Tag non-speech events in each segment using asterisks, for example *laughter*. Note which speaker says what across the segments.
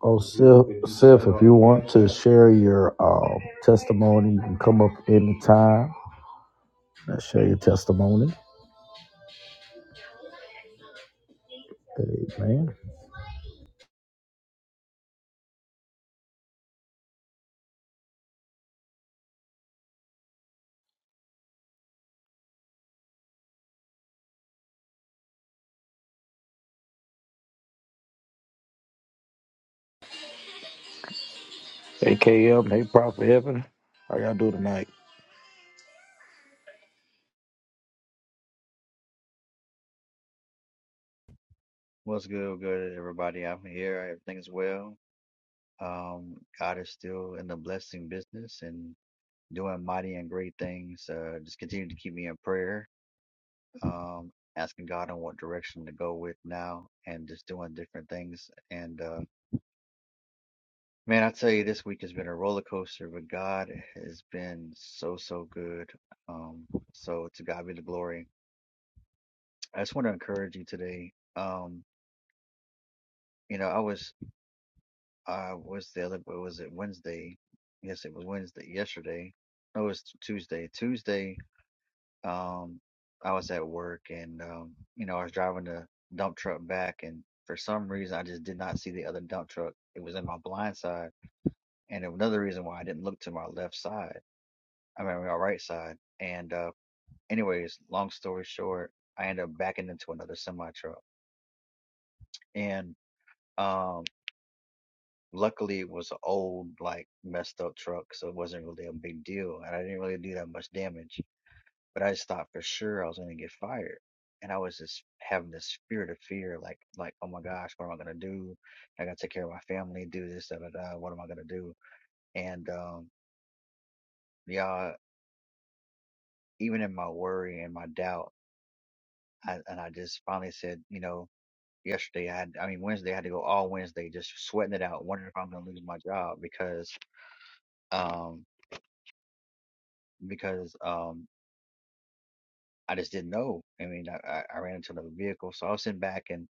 Speaker 1: Oh, Sif, Sif, if you want to share your um, testimony, you can come up anytime and share your testimony. Amen. Hey, KM. Hey, Prophet Evan, How y'all do tonight?
Speaker 2: What's good, good everybody? I'm here. Everything's well. Um, God is still in the blessing business and doing mighty and great things. Uh, just continue to keep me in prayer. Um, asking God on what direction to go with now, and just doing different things. And uh, man, I tell you, this week has been a roller coaster, but God has been so so good. Um, so to God be the glory. I just want to encourage you today. Um, you know, I was uh what's the other what was it Wednesday? Yes, it was Wednesday yesterday. No, it's Tuesday. Tuesday, um, I was at work and um, you know, I was driving the dump truck back and for some reason I just did not see the other dump truck. It was in my blind side and another reason why I didn't look to my left side. I mean my right side. And uh anyways, long story short, I ended up backing into another semi truck. And um. Luckily, it was an old, like messed up truck, so it wasn't really a big deal, and I didn't really do that much damage. But I just thought for sure I was gonna get fired, and I was just having this spirit of fear, like, like, oh my gosh, what am I gonna do? I gotta take care of my family, do this, da da da. What am I gonna do? And um, yeah, even in my worry and my doubt, I, and I just finally said, you know, yesterday I had, I mean Wednesday I had to go all Wednesday just sweating it out, wondering if I'm gonna lose my job because um because um I just didn't know. I mean, I, I I ran into another vehicle, so I was sitting back. And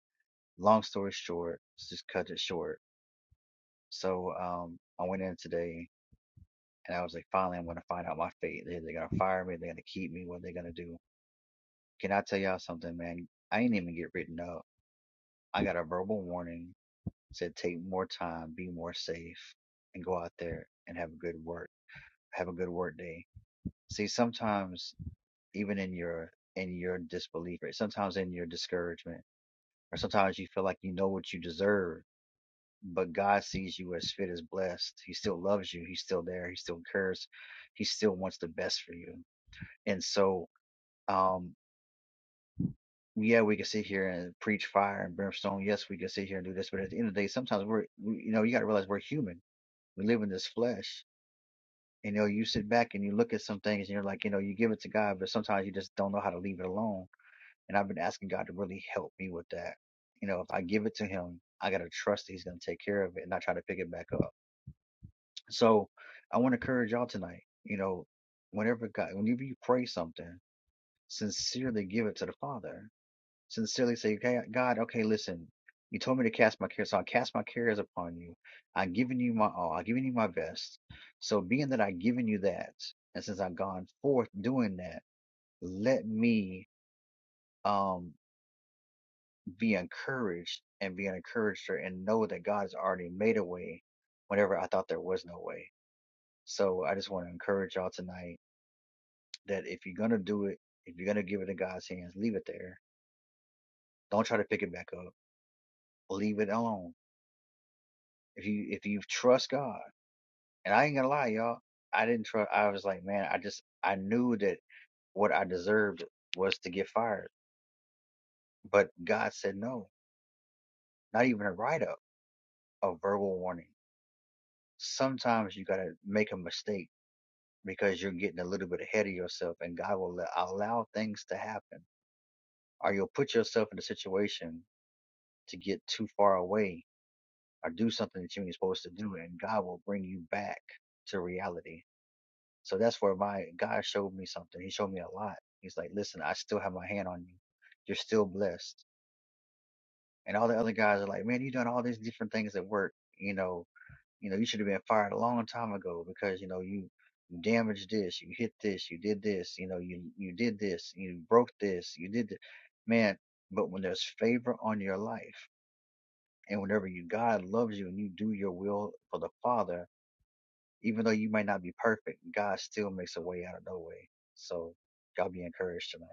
Speaker 2: long story short, let's just cut it short. So um, I went in today, and I was like, finally, I'm gonna find out my fate. They're gonna fire me. They're gonna keep me. What are they gonna do? Can I tell y'all something, man? I ain't even get written up. I got a verbal warning. Said take more time, be more safe, and go out there and have a good work. Have a good work day. See, sometimes even in your in your disbelief, right? Sometimes in your discouragement or sometimes you feel like you know what you deserve, but God sees you as fit as blessed. He still loves you. He's still there. He still cares. He still wants the best for you. And so, um, yeah, we can sit here and preach fire and brimstone. Yes, we can sit here and do this, but at the end of the day, sometimes we're, we, you know, you got to realize we're human. We live in this flesh. And, you know, you sit back and you look at some things and you're like, you know, you give it to God, but sometimes you just don't know how to leave it alone And I've been asking God to really help me with that. You know, if I give it to Him, I got to trust that He's going to take care of it and not try to pick it back up. So I want to encourage y'all tonight. You know, whenever God, whenever you pray something, sincerely give it to the Father. Sincerely say, okay, God, okay, listen, you told me to cast my cares, so I cast my cares upon you. I've given you my all, I've given you my best. So being that I've given you that, and since I've gone forth doing that, let me. Um, be encouraged and be an encourager and know that God has already made a way whenever I thought there was no way. So I just want to encourage y'all tonight that if you're going to do it, if you're going to give it in God's hands, leave it there. Don't try to pick it back up. Leave it alone. If you, if you trust God, and I ain't going to lie, y'all, I didn't trust, I was like, man, I just, I knew that what I deserved was to get fired. But God said no, not even a write up, a verbal warning. Sometimes you got to make a mistake because you're getting a little bit ahead of yourself and God will let, allow things to happen or you'll put yourself in a situation to get too far away or do something that you ain't supposed to do and God will bring you back to reality. So that's where my God showed me something. He showed me a lot. He's like, listen, I still have my hand on you. You're still blessed. And all the other guys are like, man, you done all these different things at work, you know, You know, you should have been fired a long time ago because, you know, you, you damaged this, you hit this, you did this, you know, you, you did this, you broke this, you did this. Man, but when there's favor on your life and whenever you, God loves you and you do your will for the Father, even though you might not be perfect, God still makes a way out of no way. So y'all be encouraged tonight.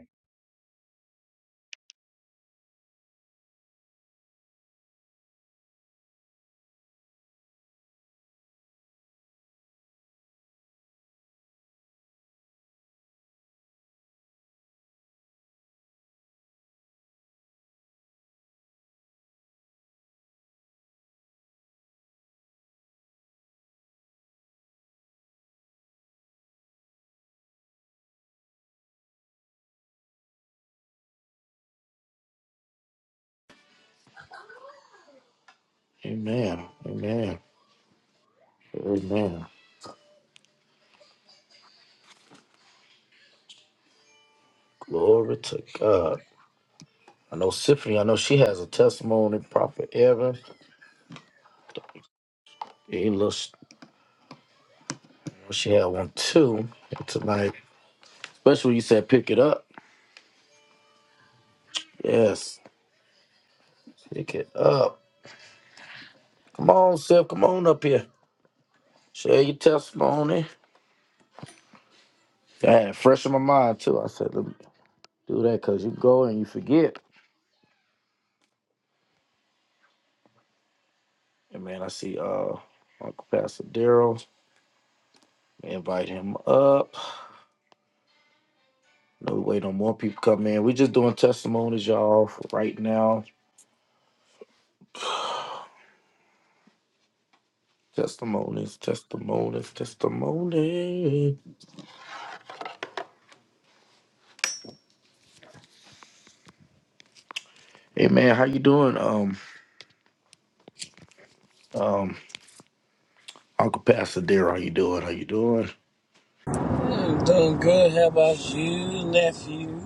Speaker 1: Amen. Amen. Amen. Glory to God. I know Symphony, I know she has a testimony, Prophet Evan. He looks, she had one too tonight. Especially when you said pick it up. Yes, pick it up. Come on, Sif, come on up here. Share your testimony. I had it fresh in my mind too. I said, let me do that because you go and you forget. And man, I see uh Uncle Pastor Daryl. Invite him up. No we wait on more people come in. We just doing testimonies, y'all, for right now. Testimonies, testimonies, testimony. Hey man, how you doing? Um, um, Uncle Pastor Daryl, how you doing? How you doing?
Speaker 3: I'm doing good. How about you, nephew?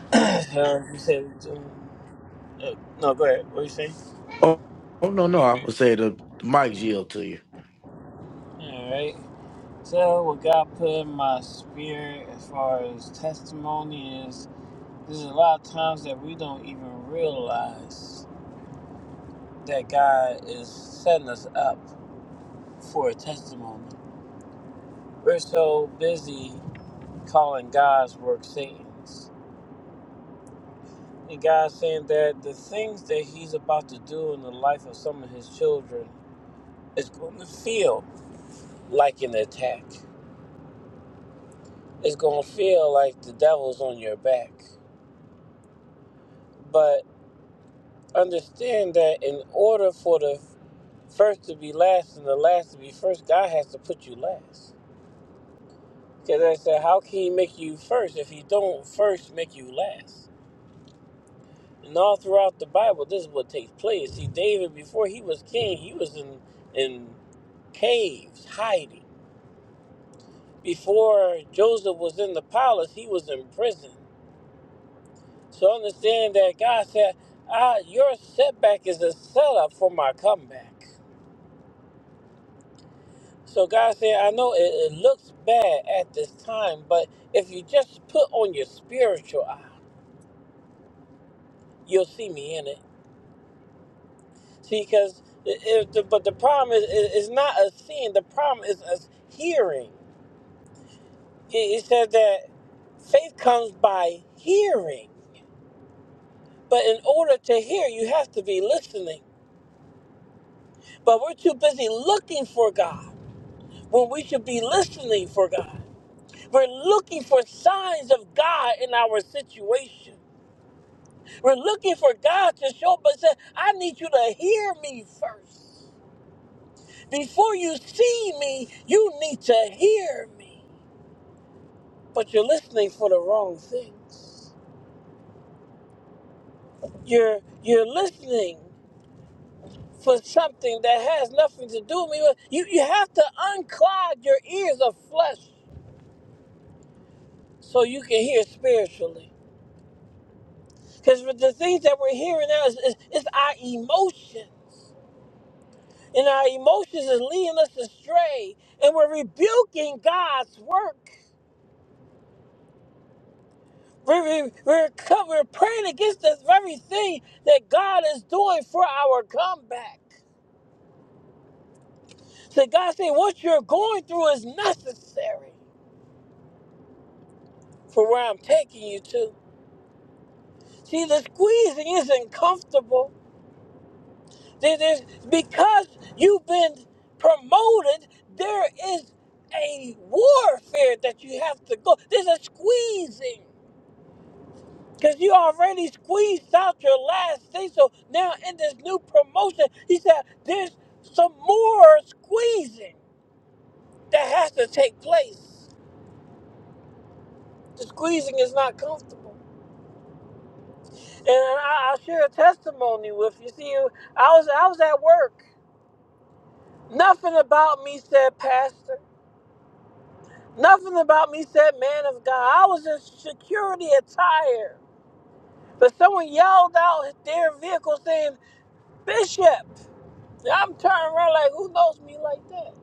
Speaker 3: *clears throat* How you say you doing? Uh, no, go ahead. What you saying?
Speaker 1: Oh, oh no, no, I would say the, the mic yield to you.
Speaker 3: All right. So, what God put in my spirit as far as testimony is, there's a lot of times that we don't even realize that God is setting us up for a testimony. We're so busy calling God's work Satan's. And God's saying that the things that He's about to do in the life of some of His children It's going to feel like an attack. It's going to feel like the devil's on your back. But understand that in order for the first to be last and the last to be first, God has to put you last. Because I said, how can He make you first if He don't first make you last? And all throughout the Bible, this is what takes place. See, David, before he was king, he was in in caves hiding. Before Joseph was in the palace, he was in prison. So understand that God said, ah, your setback is a setup for my comeback. So God said, I know it, it looks bad at this time, but if you just put on your spiritual eye, you'll see me in it. See, because if the, but the problem is, is is not a seeing. The problem is us hearing. He, he said that faith comes by hearing, but in order to hear, you have to be listening. But we're too busy looking for God when we should be listening for God. We're looking for signs of God in our situation. We're looking for God to show up and say, I need you to hear me first. Before you see me, you need to hear me. But you're listening for the wrong things. You're you're listening for something that has nothing to do with me. Well, You you have to unclog your ears of flesh so you can hear spiritually. Because the things that we're hearing now is, is, is our emotions. And our emotions is leading us astray. And we're rebuking God's work. We're, we're, we're co- we're praying against this very thing that God is doing for our comeback. So God said, what you're going through is necessary for where I'm taking you to. See, the squeezing isn't comfortable. There- there's- because you've been promoted, there is a warfare that you have to go. There's a squeezing. Because you already squeezed out your last thing. So now in this new promotion, he said there's some more squeezing that has to take place. The squeezing is not comfortable. And I, I'll share a testimony with you. See, I was I was at work. Nothing about me said, Pastor. Nothing about me said man of God. I was in security attire. But someone yelled out their vehicle saying, Bishop. And I'm turning around like, who knows me like that?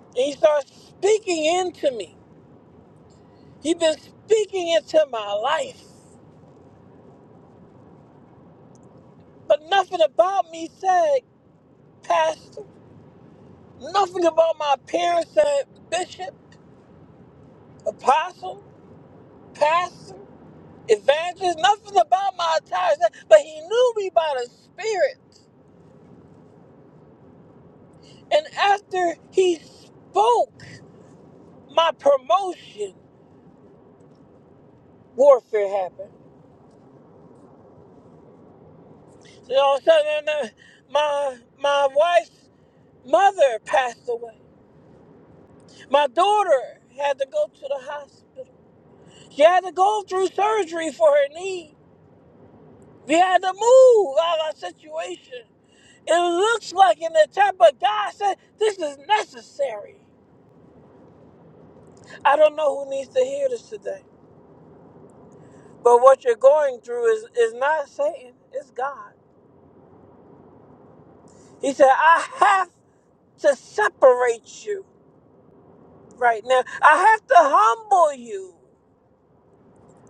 Speaker 3: And he starts speaking into me. He's been speaking into my life. But nothing about me said, Pastor. Nothing about my parents said, Bishop, Apostle, Pastor, Evangelist. Nothing about my attire said, but he knew me by the Spirit. And after he spoke my promotion, warfare happened. And all of a sudden, uh, my, my wife's mother passed away. My daughter had to go to the hospital. She had to go through surgery for her knee. We had to move out of our situation. It looks like an attack, but God said this is necessary. I don't know who needs to hear this today, but what you're going through is, is not Satan, it's God. He said, I have to separate you right now. I have to humble you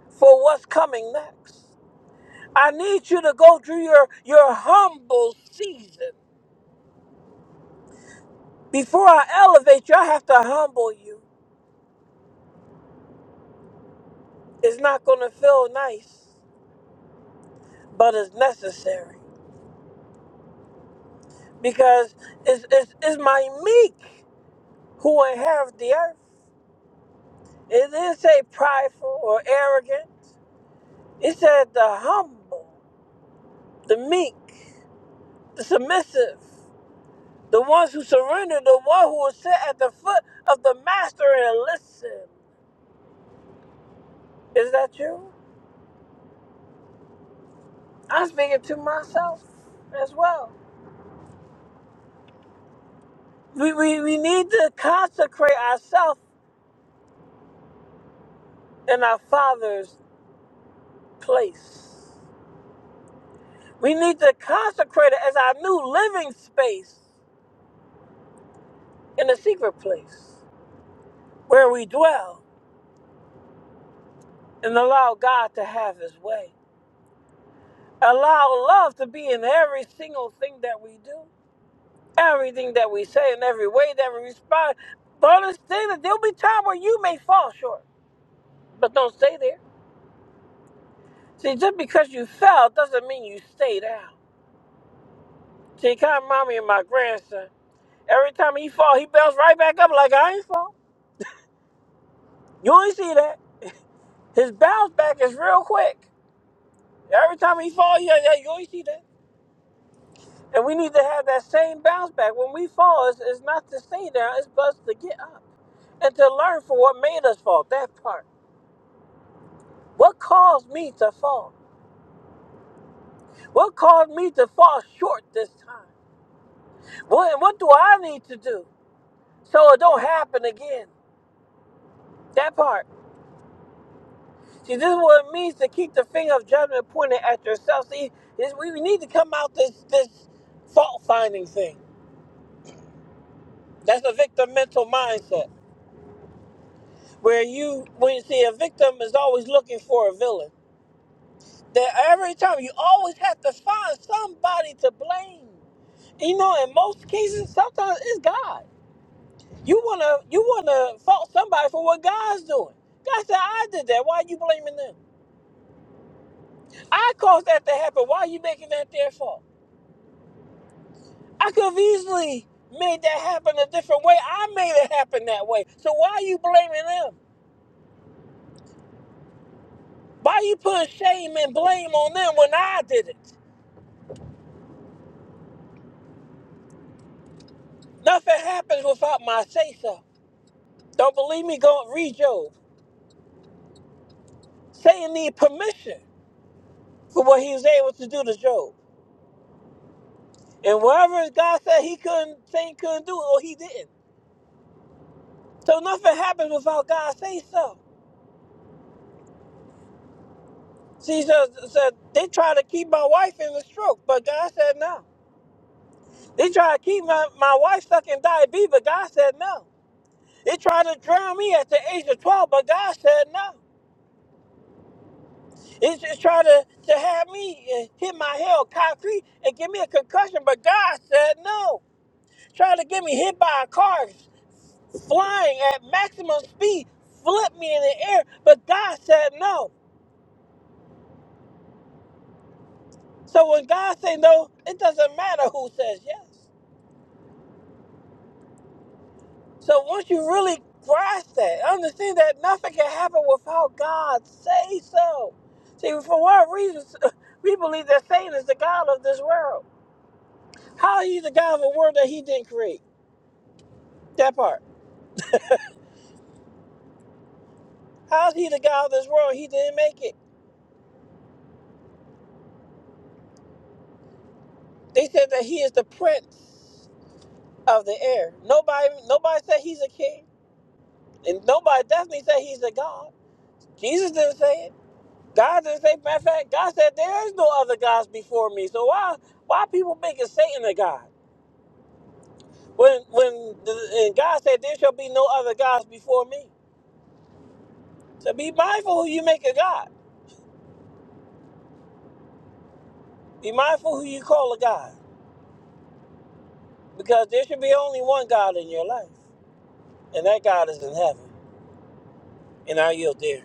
Speaker 3: for what's coming next. I need you to go through your, your humble season. Before I elevate you, I have to humble you. It's not going to feel nice, but it's necessary because it's, it's, it's my meek who inherit the earth. It didn't say prideful or arrogant, it said the humble, the meek. The submissive, the ones who surrender, the one who will sit at the foot of the master and listen. Is that you? I'm speaking to myself as well. We, we, we need to consecrate ourselves in our Father's place. We need to consecrate it as our new living space in the secret place where we dwell and allow God to have His way. Allow love to be in every single thing that we do Everything that we say and every way that we respond, but understand that there'll be time where you may fall short, but don't stay there. See, just because you fell doesn't mean you stay down. See, it kind of remind me of my grandson. Every time he fall, he bounce right back up like I ain't fall. You only see that. His bounce back is real quick. Every time he fall, yeah, yeah, you only see that. And we need to have that same bounce back. When we fall, it's, it's not to stay down, it's but to get up and to learn from what made us fall. That part. What caused me to fall? What caused me to fall short this time? What, what do I need to do so it don't happen again? That part. See, this is what it means to keep the finger of judgment pointed at yourself. See, this, we need to come out this this fault finding thing. That's a victim mental mindset where you when you see a victim is always looking for a villain. That every time you always have to find somebody to blame. You know, in most cases, sometimes it's God. You wanna you wanna fault somebody for what God's doing. God said, I did that. Why are you blaming them? I caused that to happen. Why are you making that their fault? I could have easily made that happen a different way. I made it happen that way. So why are you blaming them? Why you putting shame and blame on them when I did it? Nothing happens without my say so. Don't believe me? Go read Job. Satan need permission for what he was able to do to Job. And whatever God said he couldn't, Satan couldn't do it, or he didn't. So nothing happens without God say so. She says, said, they try to keep my wife in the stroke, but God said no. They try to keep my, my wife stuck in diabetes, but God said no. They tried to drown me at the age of 12, but God said no. They just tried to, to have me uh, hit my head on concrete and give me a concussion, but God said no. Tried to get me hit by a car flying at maximum speed, flip me in the air, but God said no. So when God say no, it doesn't matter who says yes. So once you really grasp that, understand that nothing can happen without God say so. See, for what reason *laughs* we believe that Satan is the *laughs* God of this world? How is he the God of a world that he didn't create? That part. How is he the God of this world? He didn't make it. They said that he is the prince of the air. Nobody, nobody said he's a king, and nobody definitely said he's a god. Jesus didn't say it. God didn't say. Matter of fact, God said there is no other gods before me. So why why people making Satan a god? When when the, and God said there shall be no other gods before me. So be mindful who you make a god. Be mindful who you call a god, because there should be only one God in your life, and that God is in heaven. And I yield there.